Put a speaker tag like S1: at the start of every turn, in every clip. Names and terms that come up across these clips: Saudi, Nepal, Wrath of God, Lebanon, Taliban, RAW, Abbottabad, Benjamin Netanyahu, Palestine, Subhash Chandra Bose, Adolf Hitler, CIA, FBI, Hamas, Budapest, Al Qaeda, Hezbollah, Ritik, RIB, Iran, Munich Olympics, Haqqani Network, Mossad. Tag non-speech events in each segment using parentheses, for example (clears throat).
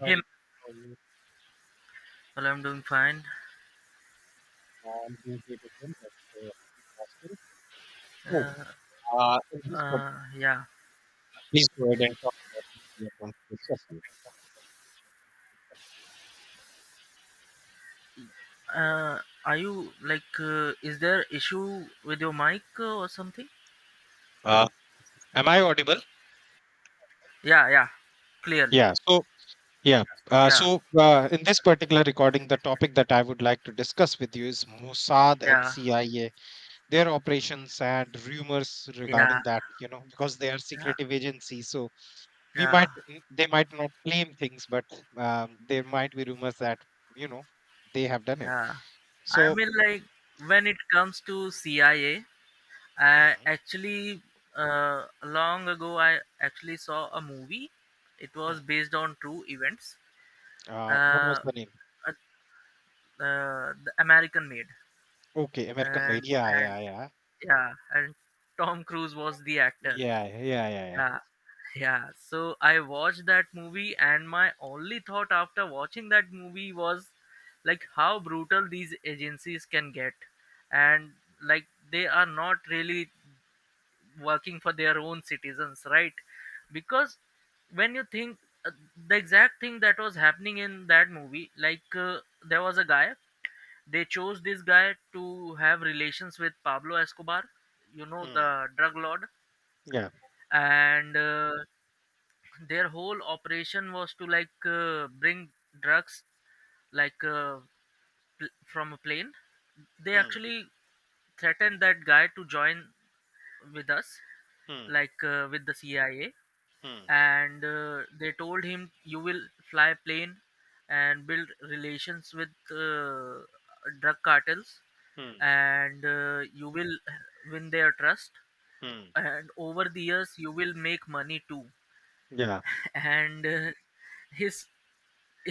S1: Hi,
S2: Hey,
S1: Ritik. How are you?
S2: well, I'm doing fine.
S1: I'm doing great as well. Thank you for asking. So,
S2: Uh,
S1: in this part,
S2: yeah.
S1: please go ahead and talk about what we are going to discuss here.
S2: Uh, are you, like, is there issue with your mic or something?
S1: Uh, am I audible?
S2: Yeah, yeah. Clearly.
S1: Yeah. So, yeah.
S2: Yeah,
S1: In this particular recording, the topic that I would like to discuss with you is Mossad and
S2: yeah,
S1: CIA, their operations and rumors
S2: yeah,
S1: regarding that because they are
S2: yeah,
S1: secretive agencies. So, we
S2: yeah,
S1: might, they might not claim things, but there might be rumors that, you know, they have done it.
S2: yeah. I
S1: So.
S2: mean, like, when it comes to CIA, I A, I
S1: Mhm.
S2: actually, long ago, I actually saw a movie. It was
S1: Mm.
S2: based on true events.
S1: What was
S2: Uh,
S1: the name?
S2: uh, the American Made.
S1: Okay, American
S2: and
S1: Made. Yeah,
S2: and
S1: yeah, yeah.
S2: yeah, and Tom Cruise was the actor.
S1: Yeah, yeah, yeah, yeah.
S2: Yeah, yeah. So I watched that movie, and my only thought after watching that movie was, like, how brutal these agencies can get, and, like, they are not really working for their own citizens, right? Because when you think, uh, the exact thing that was happening in that movie, like, there was a guy. They chose this guy to have relations with Pablo Escobar,
S1: Mm.
S2: the drug lord.
S1: Yeah.
S2: And their whole operation was to, like, bring drugs, like, from a plane. They
S1: Hmm.
S2: actually threatened that guy to join with us,
S1: Hmm.
S2: like, with the CIA.
S1: Hmm.
S2: And they told him, you will fly a plane and build relations with drug cartels,
S1: Hmm.
S2: and you will win their trust,
S1: Mm.
S2: and over the years you will make money too.
S1: Yeah.
S2: And his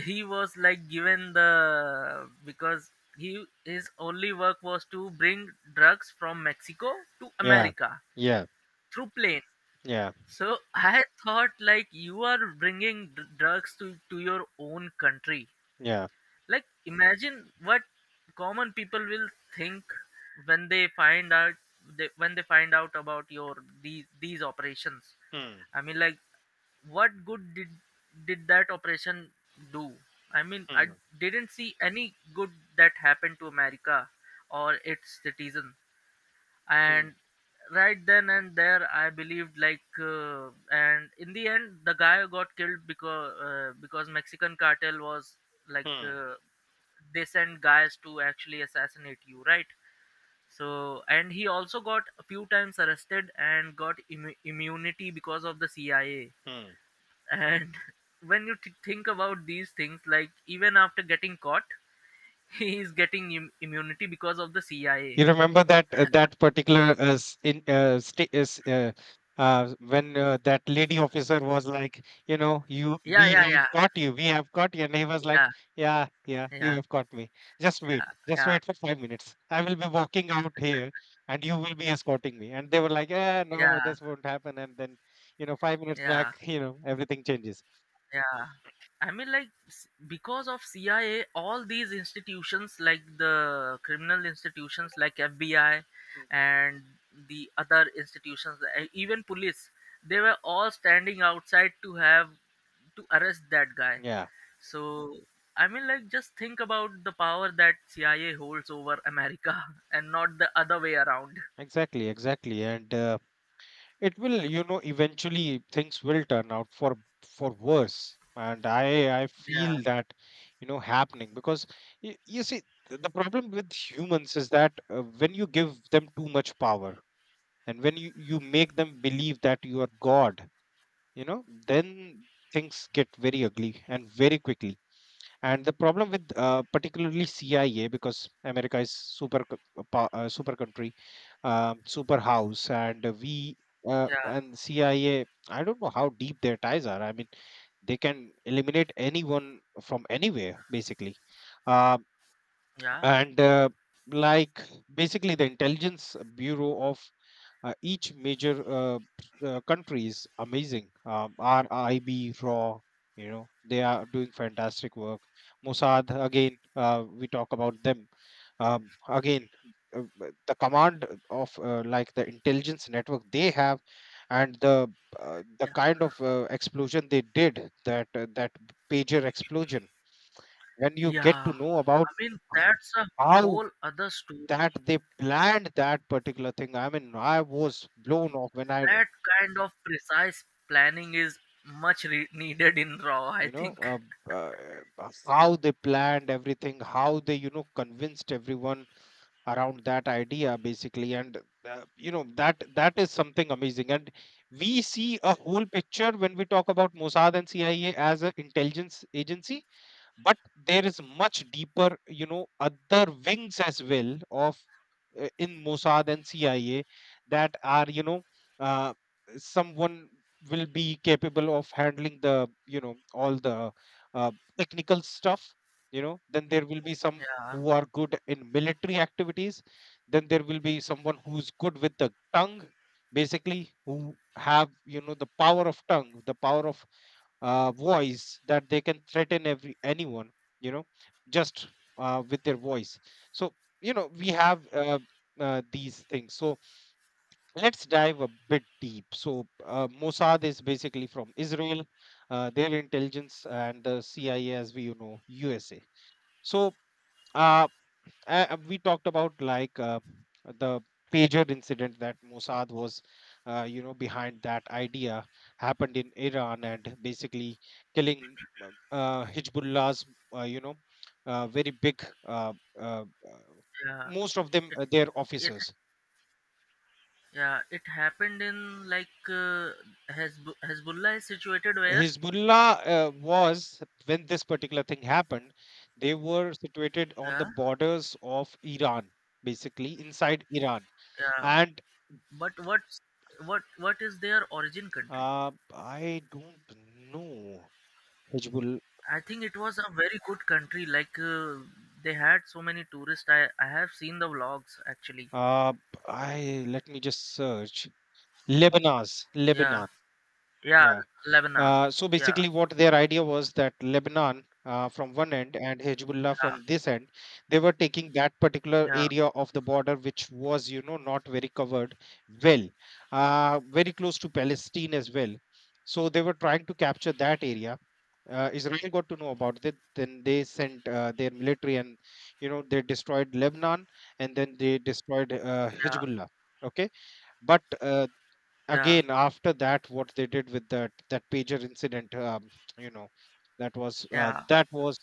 S2: he was like given the, because he his only work was to bring drugs from Mexico to
S1: Yeah.
S2: America
S1: Yeah.
S2: through plane.
S1: Yeah.
S2: So I thought, like, you are bringing drugs to your own country.
S1: Yeah.
S2: Like, imagine what common people will think when they find out, when they find out about your these operations.
S1: Hmm.
S2: I mean, like, what good did that operation do? I mean, I
S1: Hmm.
S2: didn't see any good that happened to America or its citizens.
S1: Hmm.
S2: And right then and there I believed, like, and in the end the guy got killed, because Mexican cartel was, like,
S1: Hmm.
S2: they send guys to actually assassinate you, right? So, and he also got a few times arrested and got immunity because of the CIA.
S1: Mm.
S2: And (laughs) when you think about these things, like, even after getting caught (laughs) he is getting immunity because of the CIA.
S1: You remember that particular s- in sta is when that lady officer was like, you
S2: Yeah,
S1: we
S2: yeah, yeah,
S1: have caught you, we have caught you, and he was
S2: yeah,
S1: like, yeah, yeah,
S2: yeah,
S1: you have caught me.
S2: yeah,
S1: Just
S2: yeah.
S1: wait for 5 minutes. I will be walking out here, and you will be escorting me. And they were like, yeah, no,
S2: Yeah,
S1: this won't happen. And then, 5 minutes
S2: yeah,
S1: back, everything changes.
S2: yeah. I mean, like, because of CIA, all these institutions, like the criminal institutions like FBI
S1: Mm.
S2: and the other institutions, even police, they were all standing outside to arrest that guy.
S1: Yeah,
S2: So, I mean, like, just think about the power that CIA holds over America (laughs) and not the other way around.
S1: exactly, exactly, and. It will eventually things will turn out for worse, and I
S2: Yeah,
S1: feel that happening, because you see, the problem with humans is that, when you give them too much power, and when you make them believe that you are god you know then things get very ugly and very quickly. And the problem with, particularly CIA, because America is super super country, super house, and we,
S2: yeah,
S1: and CIA. I A. I don't know how deep their ties are. I mean, they can eliminate anyone from anywhere, basically. Um
S2: yeah,
S1: and, like, basically the intelligence bureau of, each major, country is amazing. RIB, RAW, they are doing fantastic work. Mossad, again, we talk about them. Again, the command of, like, the intelligence network they have, and the kind of, explosion they did, that, that pager explosion, when you get
S2: yeah,
S1: to know
S2: I
S1: about
S2: mean, that's a
S1: how
S2: whole other story.
S1: that they planned that particular thing. I mean, I was blown off when I,
S2: That kind of precise planning is much needed in RAW, I
S1: you know,
S2: think.
S1: uh, uh, how they planned everything, how they, convinced everyone around that idea, basically. And, that is something amazing. And we see a whole picture when we talk about Mossad and CIA as an intelligence agency, but there is much deeper, other wings as well of, in Mossad and CIA, that are, uh, someone will be capable of handling the, all the, uh, technical stuff. Then there will be some
S2: Yeah,
S1: who are good in military activities. Then there will be someone who's good with the tongue, basically, who have, the power of tongue, the power of, voice, that they can threaten every anyone, you know just, with their voice. So, we have, these things. So let's dive a bit deep. So, Mossad is basically from Israel, their intelligence, and the CIA, as we, USA. So, uh, we talked about, like, the pager incident that Mossad was, behind that idea, happened in Iran, and basically killing, Hezbollah's, uh, you know, very big, uh, uh,
S2: yeah,
S1: most of them,
S2: it,
S1: their
S2: it,
S1: officers.
S2: yeah, it happened in, like, Hezbollah is situated where?
S1: Hezbollah, was, when this particular thing happened, they were situated on the
S2: Yeah,
S1: borders of Iran, basically inside Iran,
S2: yeah,
S1: and.
S2: but what is their origin country?
S1: I don't know. Hezbollah.
S2: I think it was a very good country. Like, they had so many tourists. I have seen the vlogs, actually.
S1: Uh, I, let me just search. Lebanon's
S2: Yeah,
S1: Lebanon.
S2: yeah,
S1: Yeah.
S2: Lebanon.
S1: So
S2: Yeah,
S1: basically, what their idea was, that Lebanon, from one end, and Hezbollah
S2: yeah,
S1: from this end, they were taking that particular
S2: yeah,
S1: area of the border, which was, not very covered well, very close to Palestine as well. So they were trying to capture that area. Israel got to know about it. Then they sent, their military, and, they destroyed Lebanon, and then they destroyed,
S2: yeah,
S1: Hezbollah. Okay. But,
S2: yeah,
S1: again, after that, what they did with that pager incident, you know that was,
S2: yeah.
S1: that was.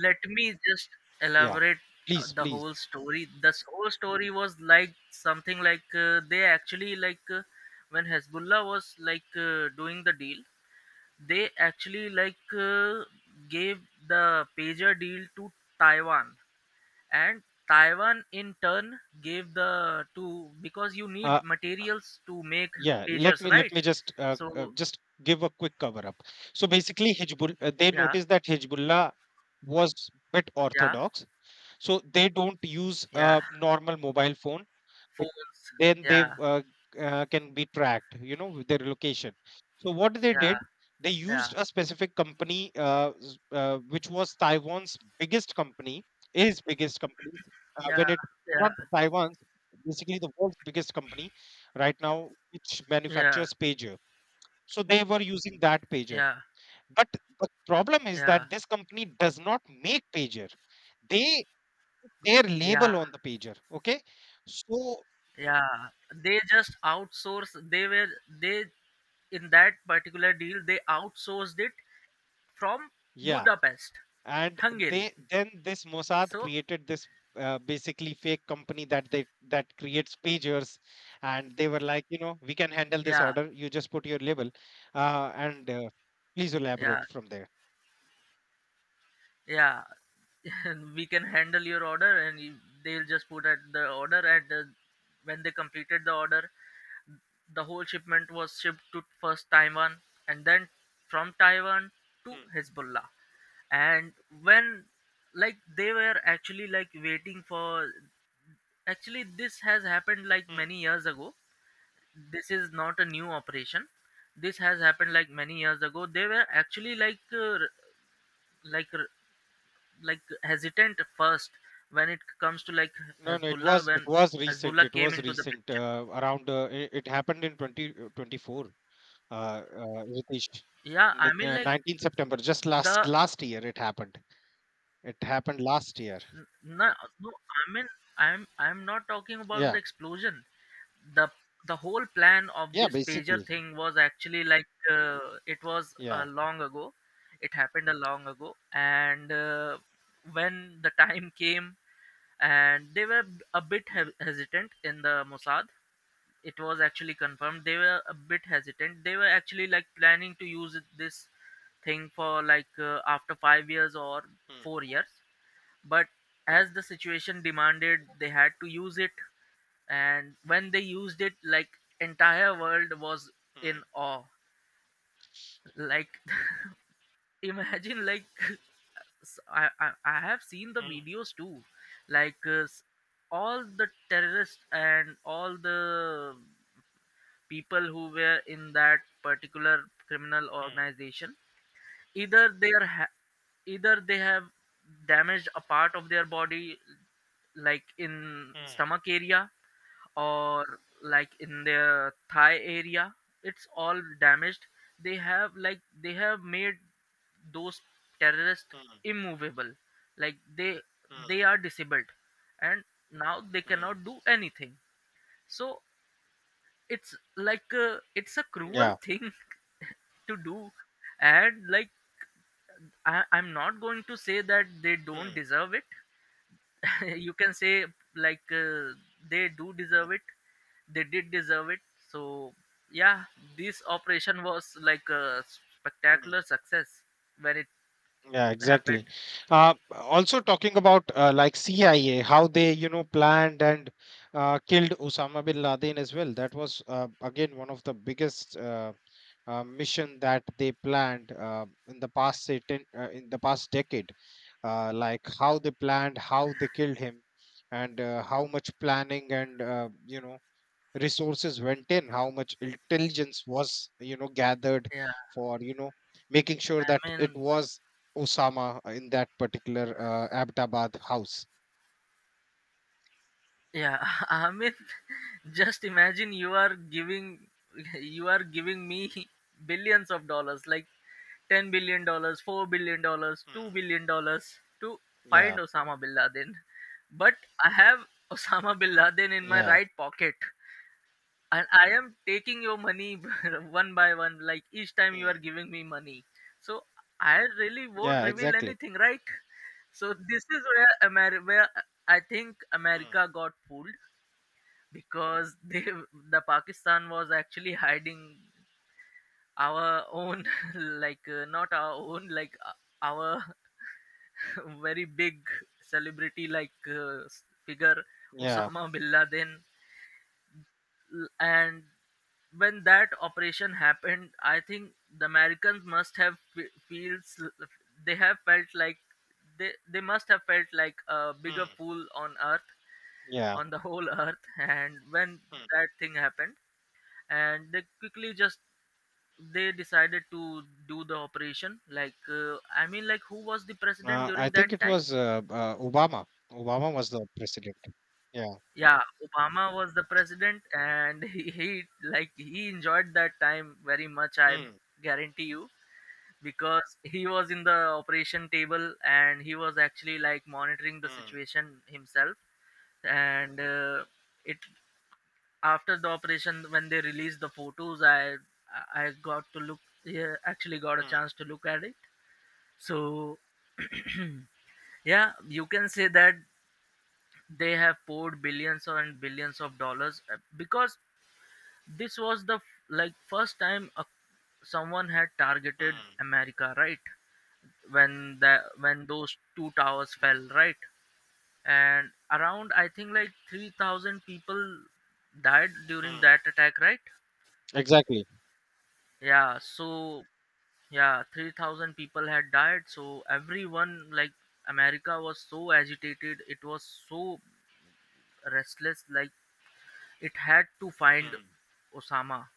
S2: Let me just
S1: Yeah.
S2: elaborate
S1: Please,
S2: the
S1: please.
S2: whole story. This whole story was like something, like, they actually, like, when Hezbollah was, like, doing the deal, they actually, like, gave the pager deal to Taiwan. And Taiwan in turn gave the to, because you
S1: uh,
S2: need materials to make
S1: yeah, let
S2: pagers,
S1: me let
S2: right?
S1: me just,
S2: So
S1: just give a quick cover up. So basically, Hezbollah, they
S2: yeah.
S1: noticed that Hezbollah was bit
S2: Yeah,
S1: orthodox, so they don't use,
S2: yeah,
S1: normal mobile phones. Bec-
S2: phones.
S1: then they,
S2: Yeah,
S1: can be tracked, with their location. So what they did,
S2: yeah,
S1: they
S2: yeah,
S1: used a specific company, which was Taiwan's biggest company. Is biggest company.
S2: yeah,
S1: When it,
S2: yeah,
S1: not Taiwan's, basically the world's biggest company right now, which
S2: yeah,
S1: manufactures pager. So they were using that pager.
S2: yeah,
S1: But the problem is
S2: yeah,
S1: that this company does not make pager. They their
S2: yeah,
S1: label on the pager, okay. So
S2: yeah. They just outsource. They, in that particular deal, they outsourced it from
S1: yeah.
S2: Budapest,
S1: And
S2: Hungary.
S1: they, then this Mossad
S2: So
S1: created this, basically fake company, that they that creates pagers, and they were like, we can handle this
S2: yeah,
S1: order, you just put your label, and, please
S2: yeah,
S1: elaborate from there.
S2: yeah. (laughs) We can handle your order, and they'll just put at the order. And when they completed the order, the whole shipment was shipped to first Taiwan and then from Taiwan to
S1: Hmm.
S2: Hezbollah. And when, like, they were actually, like, waiting for, actually this has happened, like,
S1: Hmm.
S2: many years ago. This is not a new operation. This has happened, like, many years ago. They were actually, like, like r- like hesitant first when it comes to, like,
S1: No, no, it was,
S2: Hezbollah,
S1: it
S2: when
S1: was recent,
S2: Hezbollah
S1: it
S2: came
S1: was
S2: into the
S1: recent,
S2: picture.
S1: around, it, it happened in 2024. Ritesh.
S2: Yeah, I mean, like,
S1: 19 September, just
S2: the
S1: last year it happened. It happened last year.
S2: No, no, I mean, I'm not talking about the
S1: Yeah.
S2: explosion. The the whole plan of
S1: Yeah,
S2: this pager
S1: basically.
S2: thing was actually, like, it was,
S1: Yeah.
S2: long ago. It happened a long ago, and when the time came, and they were a bit hesitant in the Mossad. It was actually confirmed. They were a bit hesitant. They were actually, like, planning to use this thing for, like, after 5 years or
S1: Hmm.
S2: 4 years, but as the situation demanded they had to use it. And when they used it, like, entire world was
S1: Mm.
S2: in awe. Like, (laughs) imagine, like, (laughs) I have seen the
S1: Mm.
S2: videos too, like, all the terrorists and all the people who were in that particular criminal
S1: Mm.
S2: organization, either they are ha- either they have damaged a part of their body, like, in
S1: Mm.
S2: stomach area or, like, in their thigh area. It's all damaged. They have made those terrorists
S1: Mm.
S2: immovable. Like, they
S1: Mm.
S2: are disabled, and now they
S1: Mm.
S2: cannot do anything. So, it's a cruel
S1: Yeah.
S2: thing (laughs) to do. And, like, I'm not going to say that they don't
S1: Mm.
S2: deserve it. (laughs) You can say, like, they do
S1: Mm.
S2: deserve it. They did deserve it. So, yeah, this operation was like a
S1: Mm.
S2: spectacular success when it
S1: Yeah, exactly.
S2: happened.
S1: Also, talking about, like CIA, how they, planned and, killed Osama bin Laden as well. That was, again, one of the biggest, mission that they planned, in the past, say, 10, in the past decade. Like, how they planned, how they killed him, and, how much planning and, resources went in, how much intelligence was, gathered,
S2: Yeah,
S1: for, making sure
S2: I
S1: that it
S2: mean,
S1: was Osama in that particular, Abbottabad house.
S2: yeah. (laughs) I mean, (laughs) just imagine, you are giving (laughs) you are giving me (laughs) billions of dollars, like, $10 billion, $4 billion, 2
S1: Hmm.
S2: billion dollars to find
S1: Yeah.
S2: Osama bin Laden. But I have (laughs) Osama bin Laden in my
S1: Yeah.
S2: right pocket. And I am taking your money (laughs) one by one, like, each time you are
S1: Hmm.
S2: giving me money. So I really won't
S1: Yeah,
S2: reveal
S1: exactly.
S2: anything, right? So this is where I think
S1: Hmm.
S2: America got fooled, because (laughs) the Pakistan was actually hiding our own, (laughs) like, not our own, like, our (laughs) very big celebrity, like, figure,
S1: yeah
S2: Osama bin Laden. And when that operation happened, I think the Americans, must have fe- feels they have felt like they must have felt like a bigger
S1: Hmm.
S2: fool on Earth,
S1: Yeah.
S2: on the whole Earth. (laughs) And when
S1: Hmm.
S2: that thing happened, and they quickly just they decided to do the operation. Like, I mean, like, who was the president
S1: I
S2: during that
S1: think it
S2: time?
S1: was, Obama. Obama was the president. Yeah.
S2: Yeah, Obama was the president, and (laughs) he like he enjoyed that time very much. I
S1: Hmm.
S2: guarantee you, because he was in the operation table and he was actually, like, monitoring the
S1: Hmm.
S2: situation himself. And it after the operation, when they released the photos, I got to look, yeah, actually got a
S1: Hmm.
S2: chance to look at it. So, (clears throat) yeah, you can say that they have poured billions and billions of dollars, because this was the like first time someone had targeted
S1: Hmm.
S2: America, right? When the when those two towers fell, right? And around I think like 3,000 people died during
S1: Hmm.
S2: that attack, right?
S1: Exactly.
S2: Yeah, so, yeah, 3,000 people had died. So everyone, like, America was so agitated, it was so restless, like, it had to find
S1: Hmm.
S2: Osama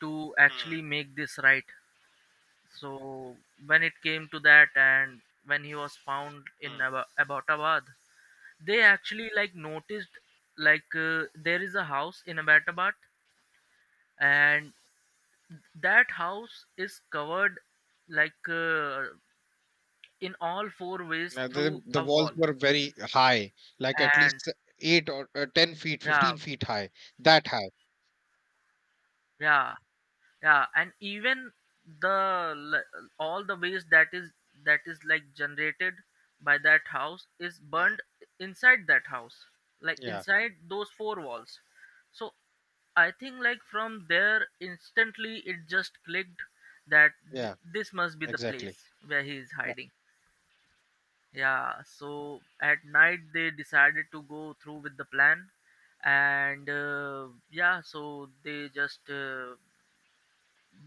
S2: to actually
S1: Hmm.
S2: make this right. So when it came to that, and when he was found in
S1: Hmm.
S2: Abbottabad, they actually, like, noticed, like, there is a house in Abbottabad, and that house is covered, like, in all four ways
S1: Yeah,
S2: through
S1: the
S2: a
S1: walls
S2: wall.
S1: were very high, like at
S2: And
S1: least 8 or, 10 feet,
S2: yeah,
S1: 15 feet high, that high.
S2: yeah, yeah. And even the all the waste that is like generated by that house is
S1: Hmm.
S2: burned inside that house, like,
S1: Yeah,
S2: inside those four walls. So I think, like, from there instantly it just clicked that
S1: yeah,
S2: this must be the
S1: exactly.
S2: place where he is
S1: Uh,
S2: hiding. Yeah, so at night they decided to go through with the plan. And yeah, so they just,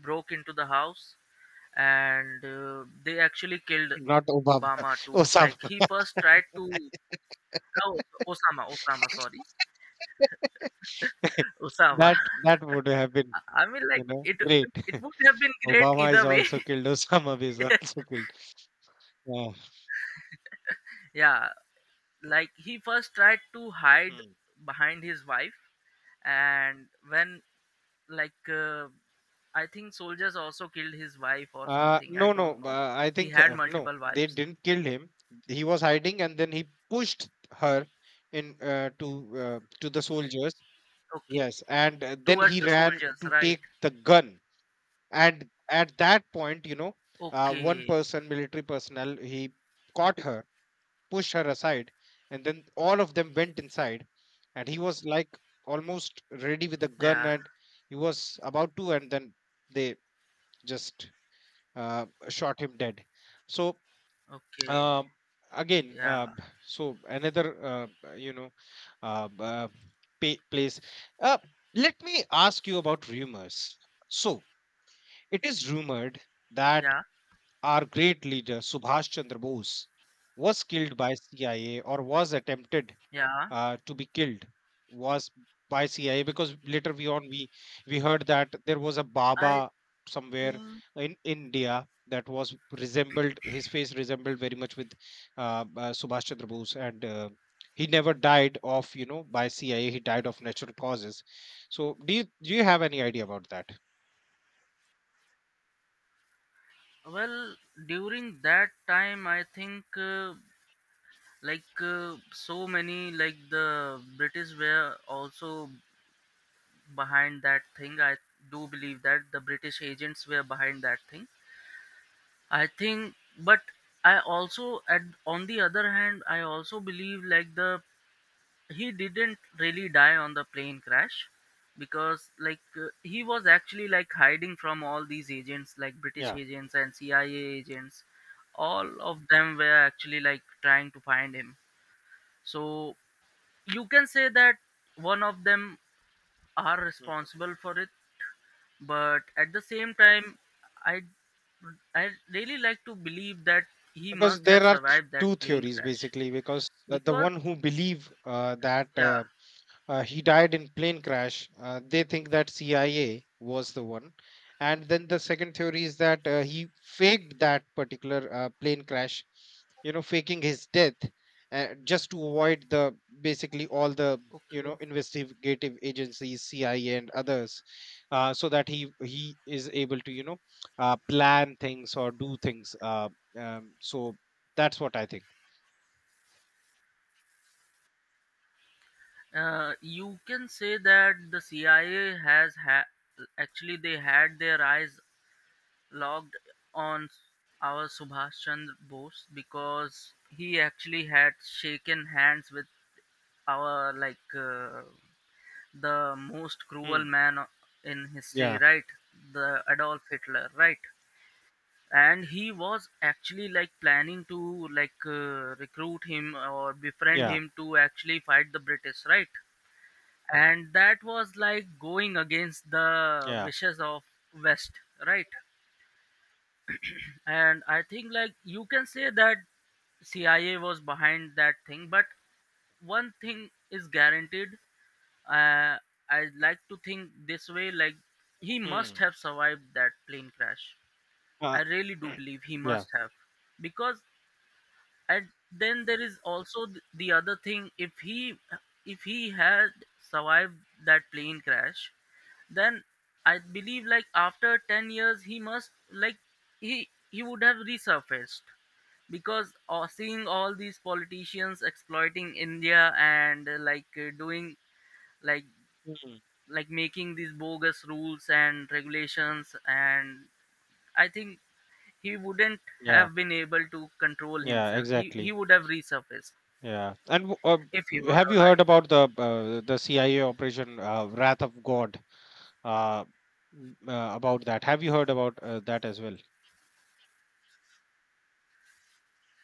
S2: broke into the house, and they actually killed
S1: Not Obama,
S2: Obama
S1: (laughs)
S2: too. Like, he
S1: Osama.
S2: first tried to, oh, Osama, Osama, sorry,
S1: (laughs)
S2: Osama.
S1: That
S2: (laughs)
S1: that would have been,
S2: I mean, like, it,
S1: great.
S2: it would have been great
S1: Obama is
S2: either way.
S1: also killed. (laughs) Osama is also killed. Yeah.
S2: (laughs) Yeah, like, he first tried to hide
S1: Hmm.
S2: behind his wife, and when, like, I think soldiers also killed his wife or something, I
S1: No,
S2: don't
S1: no.
S2: know.
S1: I
S2: He
S1: think,
S2: had
S1: no,
S2: multiple
S1: they
S2: wives.
S1: didn't kill him. He was hiding, and then he pushed her in, to, to the soldiers.
S2: Okay,
S1: Yes, and, then
S2: towards
S1: he
S2: the
S1: ran
S2: soldiers,
S1: to
S2: right?
S1: take the gun. And at that point, one
S2: Okay,
S1: person, military personnel, he caught her, pushed her aside, and then all of them went inside. And he was like almost ready with the gun,
S2: yeah,
S1: and he was about to, and then they just, shot him dead. So,
S2: okay,
S1: um, again,
S2: yeah,
S1: so another, uh, b- uh, pa- place. Uh, Let me ask you about rumors. So, it is rumored that
S2: yeah.
S1: our great leader Subhash Chandra Bose was killed by CIA, or was attempted,
S2: Yeah,
S1: to be killed was by CIA, because later we on we we heard that there was a
S2: I
S1: Baba somewhere
S2: think
S1: in India, that was resembled, his face resembled very much with, Subhash Chandra Bose, and, he never died of, by CIA. He died of natural causes. So, do you have any idea about that?
S2: well, during that time I think, like, so many, like, the British were also behind that thing. I do believe that the British agents were behind that thing. I think, but I also at on the other hand I also believe like the he didn't really die on the plane crash because he was actually like hiding from all these agents, like British
S1: Yeah.
S2: agents and CIA agents. All of them were actually like trying to find him, so you can say that one of them are
S1: Mhm.
S2: responsible for it. But at the same time, i I really like to believe that he
S1: Because
S2: must have
S1: there are
S2: survived that
S1: two
S2: plane
S1: theories,
S2: crash
S1: basically. Because, the
S2: because
S1: one who believe, that,
S2: yeah.
S1: he died in plane crash, they think that CIA was the one. And then the second theory is that, he faked that particular, plane crash, faking his death, just to avoid the, basically all the,
S2: Okay.
S1: investigative agencies, CIA and others, so that he is able to, plan things or do things, so that's what I think.
S2: You can say that the CIA. Actually, they had their eyes locked on our Subhash Chandra Bose, because he actually had shaken hands with our the most cruel
S1: Hmm.
S2: man o- in history,
S1: Yeah.
S2: right? The Adolf Hitler, right? And he was actually like planning to recruit him or befriend
S1: Yeah.
S2: him to actually fight the British, right? And that was like going against the
S1: Yeah.
S2: wishes of west, right? And I think like you can say that CIA was behind that thing, but one thing is guaranteed. uh, I like to think this way, like he must
S1: Hmm.
S2: have survived that plane crash.
S1: uh,
S2: I really do believe he
S1: (clears throat) yeah.
S2: must have. Because, and then there is also the other thing, if he had survived that plane crash, then I believe like after 10 years he must like he would have resurfaced, because seeing all these politicians exploiting India and doing like
S1: Mm,
S2: like making these bogus rules and regulations. And I think he wouldn't
S1: yeah,
S2: have been able to control
S1: yeah,
S2: himself. He
S1: exactly.
S2: would have resurfaced
S1: Yeah, and,
S2: if he was
S1: have you heard
S2: alive.
S1: about the CIA operation, Wrath of God? Uh, about that, have you heard about, that as well?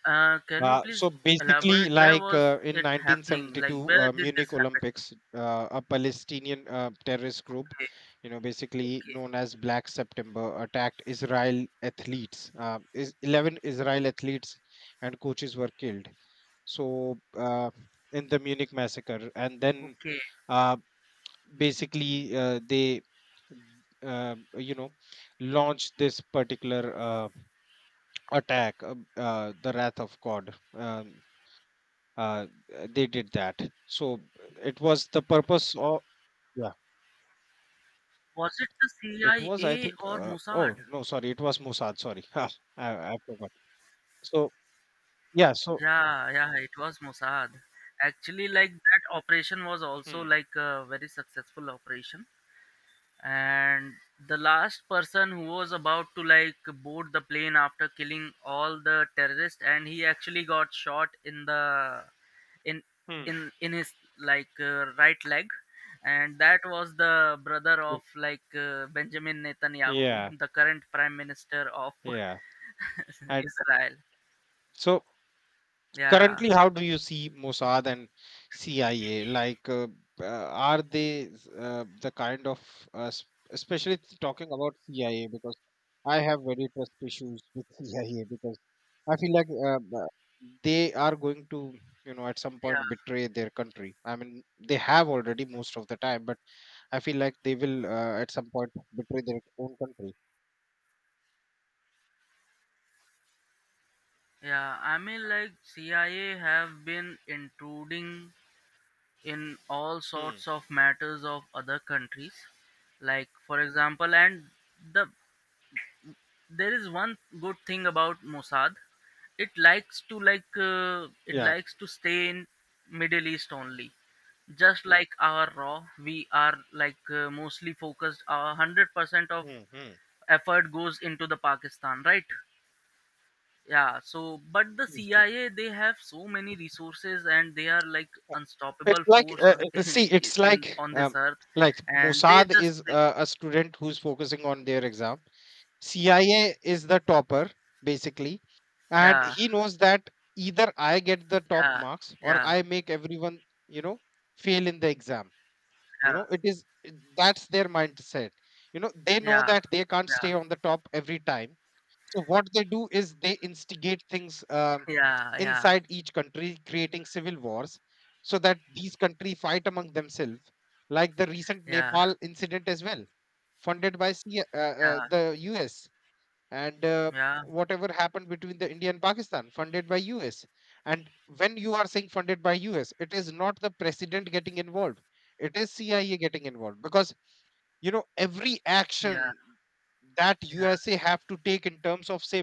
S2: Can you please
S1: So basically,
S2: elaborate, where
S1: like,
S2: was
S1: in
S2: it happening? Like
S1: 1972,
S2: where did this
S1: Munich
S2: happen?
S1: Olympics, a Palestinian, terrorist group,
S2: Okay,
S1: basically
S2: okay,
S1: known as Black September, attacked Israel athletes. Is 11 Israel athletes and coaches were killed. So in the Munich massacre, and then
S2: okay.
S1: uh, basically they, uh, you know, launched this particular attack, the Wrath of God. Uh, they did that. So it was the purpose of yeah.
S2: Was it the
S1: It was I
S2: CIA
S1: think.
S2: or
S1: Uh,
S2: Mossad?
S1: oh no, sorry. It was Mossad. Sorry, (laughs) I forgot. So yeah. So
S2: Yeah, yeah, it was Mossad. Actually, like that operation was also
S1: hmm,
S2: like a very successful operation. And the last person who was about to like board the plane after killing all the terrorists, and he actually got shot in the in
S1: hmm.
S2: in his right leg, and that was the brother of Benjamin Netanyahu,
S1: Yeah,
S2: (laughs) the current prime minister of
S1: yeah.
S2: (laughs)
S1: And
S2: Israel.
S1: so
S2: Yeah,
S1: currently, how do you see Mossad and CIA? Uh, are they the kind of, s- especially talking about CIA, because I have very trust issues with (laughs) CIA because I feel like they are going to, at some
S2: yeah,
S1: point betray their country. I mean, they have already most of the time, but I feel like they will at some point betray their own country.
S2: yeah. I mean, like, CIA have been intruding in all
S1: Hmm.
S2: sorts of matters of other countries. Like for example, and the there is one good thing about Mossad, it likes to it
S1: Yeah.
S2: likes to stay in Middle East only. Just yeah, like our RAW, we are mostly focused, 100% of
S1: Mm-hmm.
S2: effort goes into the Pakistan, right? Yeah. So but the CIA, they have so many resources and they are like
S1: It's
S2: unstoppable
S1: like
S2: force (laughs)
S1: see,
S2: in,
S1: it's
S2: in on this earth,
S1: like
S2: and they
S1: Mossad
S2: just
S1: is
S2: like
S1: a student who's focusing on their exam, CIA is the topper basically, and
S2: yeah,
S1: he knows that either I get the top
S2: yeah,
S1: marks or
S2: yeah,
S1: I make everyone, you know, fail in the exam. It is that's their mindset. You know, they know
S2: yeah,
S1: that they can't
S2: yeah,
S1: stay on the top every time. So what they do is they instigate things
S2: yeah, yeah,
S1: inside each country, creating civil wars, so that these country fight among themselves, like the recent
S2: yeah,
S1: Nepal incident as well, funded by the US and
S2: yeah,
S1: whatever happened between the India and Pakistan, funded by US. And when you are saying funded by US, it is not the president getting involved; it is CIA getting involved because you know every
S2: yeah, yeah, yeah,
S1: action that
S2: yeah.
S1: USA have to take in terms of say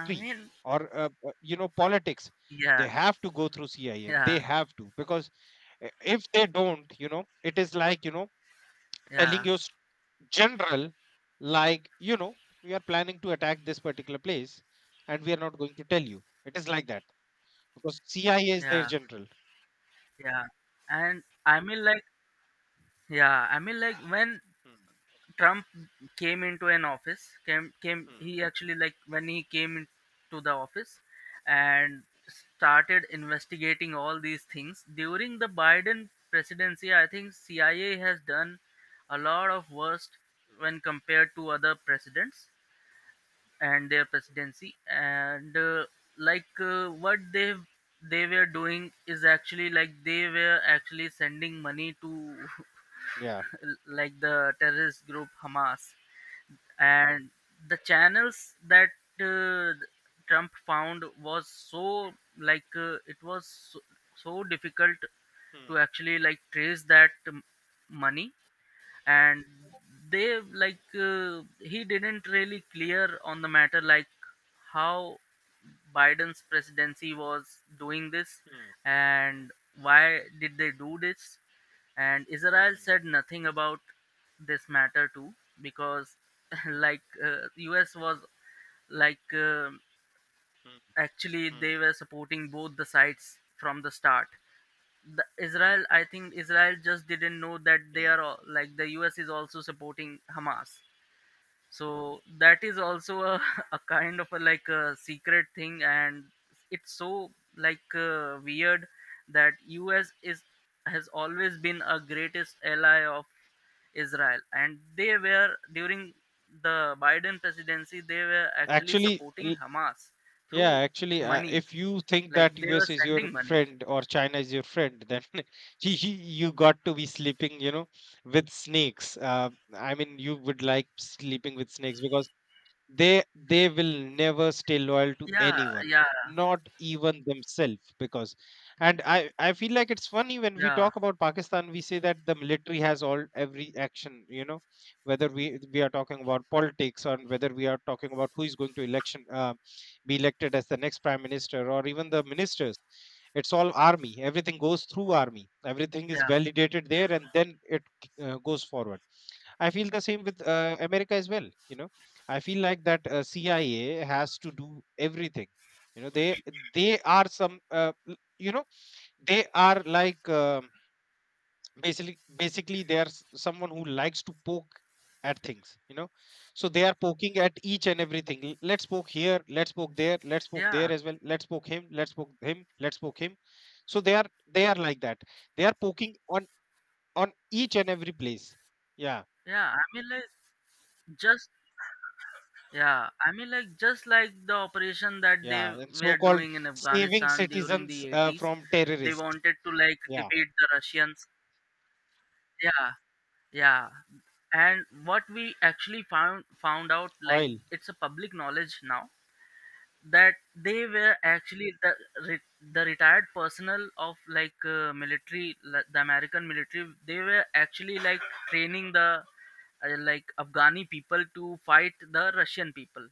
S2: I mean,
S1: or you know politics,
S2: yeah,
S1: they have to go through CIA.
S2: yeah,
S1: They have to because if they don't, you know, it is like you know telling
S2: yeah,
S1: your general like you know we are planning to attack this particular place and we are not going to tell you it is like that because CIA is their
S2: yeah,
S1: general.
S2: yeah. And I mean, like, yeah, I mean, like, when
S1: Hmm.
S2: Trump came into an office came came he
S1: Hmm.
S2: actually like when he came into the office and started investigating all these things during the Biden presidency, I think CIA has done a lot of worst when compared to other presidents and their presidency. And what they were doing is actually like they were actually sending money to
S1: Yeah.
S2: (laughs) like the terrorist group Hamas. And the channels that uh, Trump found was so it was so, so difficult to
S1: Hmm.
S2: actually like trace that money. And they like he didn't really clear on the matter, like how Biden's presidency was doing this
S1: Hmm.
S2: and why did they do this. And Israel
S1: Hmm.
S2: said nothing about this matter too, because (laughs) US was like uh,
S1: Hmm.
S2: actually
S1: Hmm.
S2: they were supporting both the sides from the start. The Israel, I think Israel just didn't know that
S1: Hmm.
S2: like the US is also supporting Hamas. So that is also a, (laughs) a kind of a like a secret thing. And it's so weird that US is has always been a greatest ally of Israel, and they were during the Biden presidency they were actually
S1: actually
S2: supporting
S1: l-
S2: Hamas
S1: yeah
S2: through
S1: actually
S2: money,
S1: if you think
S2: like
S1: that
S2: they were
S1: US is your
S2: sending money.
S1: friend or china is your friend then (laughs) you you got to be sleeping you know with snakes I mean you would like sleeping with snakes because they will never stay loyal to
S2: Yeah,
S1: anyone
S2: yeah,
S1: not even themselves because and i feel like it's funny when we
S2: yeah.
S1: talk about pakistan we say that the military has all every action you know whether we are talking about politics or whether we are talking about who is going to election be elected as the next prime minister or even the ministers it's all army everything goes through army everything is
S2: Yeah,
S1: validated there and then it goes forward. I feel the same with America as well. You know, I feel like that CIA has to do everything. You know, they are some. They are like basically they are someone who likes to poke at things. You know, so they are poking at each and everything. Let's poke here. Let's poke there. Let's poke
S2: yeah,
S1: there as well. Let's poke him. Let's poke him. Let's poke him. So they are like that. They are poking on each and every place. Yeah.
S2: yeah. I mean, like, just yeah. I mean, like, just like the operation that
S1: Yeah,
S2: they
S1: and
S2: were
S1: so-called
S2: doing in
S1: saving
S2: Afghanistan during
S1: citizens
S2: the eighties,
S1: from
S2: they
S1: terrorists.
S2: wanted to like
S1: Yeah,
S2: defeat the Russians. Yeah, yeah. And what we actually found out, like,
S1: oil.
S2: it's a public knowledge now that they were actually the the retired personnel of military, like, the American military. They were actually like training the Afghani people to fight the Russian people.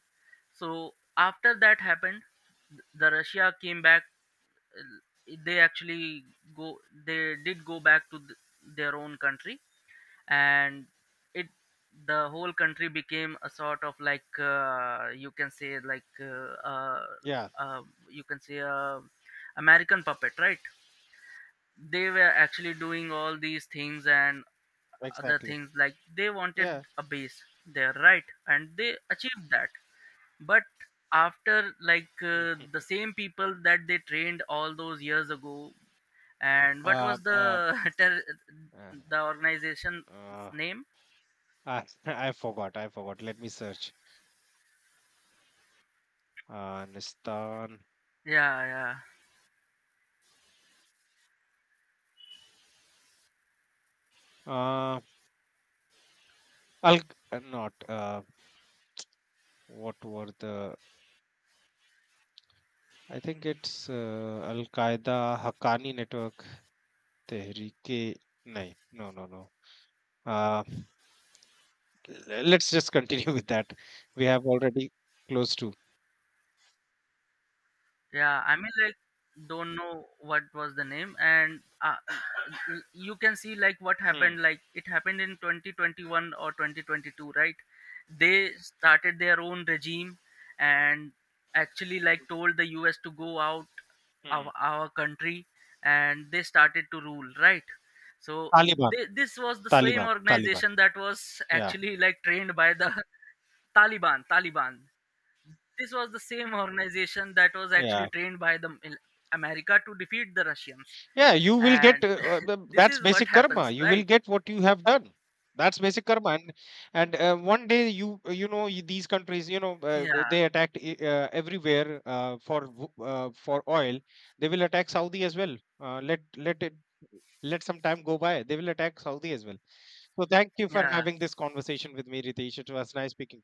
S2: So after that happened, the Russia came back. uh, They actually go. They did go back to their own country, and it the whole country became a sort of like you can say like
S1: Yeah,
S2: uh, you can say American puppet, right? They were actually doing all these things, and other
S1: exactly.
S2: things, like they wanted
S1: Yeah.
S2: a base there, right? And they achieved that. But after
S1: (laughs)
S2: the
S1: Mhm.
S2: same people that they trained all those years ago, and what
S1: Uh,
S2: was the
S1: uh,
S2: (laughs)
S1: uh,
S2: the organization's
S1: uh,
S2: name?
S1: I, (laughs) I forgot. I forgot. Let me search. Afghanistan.
S2: Yeah, yeah.
S1: Uh, Al not. What were the? I think it's Al Qaeda Haqqani Network Tehreek. No, no. Uh, let's just continue (laughs) with that. We have already close to.
S2: Yeah, I mean, like, don't know what was the name. And you can see like what
S1: Hmm.
S2: happened. Like, it happened in 2021 or 2022, right? They started their own regime and actually like told the U.S. to go out
S1: Hmm.
S2: of our country, and they started to rule, right? So
S1: Taliban,
S2: this was the same
S1: Taliban, Taliban.
S2: organization that was
S1: Yeah,
S2: actually like trained by the (laughs) Taliban. Taliban. This was the same organization that was actually
S1: yeah,
S2: trained by the in America to defeat the Russians.
S1: yeah. You will get
S2: And (laughs) this
S1: that's
S2: is what
S1: basic karma.
S2: happens,
S1: You will
S2: right?
S1: get what you have done. That's basic karma, and one day you you know y- these countries you know
S2: Yeah,
S1: they attacked everywhere for oil. They will attack Saudi as well. Let it let some time go by. They will attack Saudi as well. So thank you for
S2: yeah,
S1: having this conversation with me, Ritesh. It was nice speaking.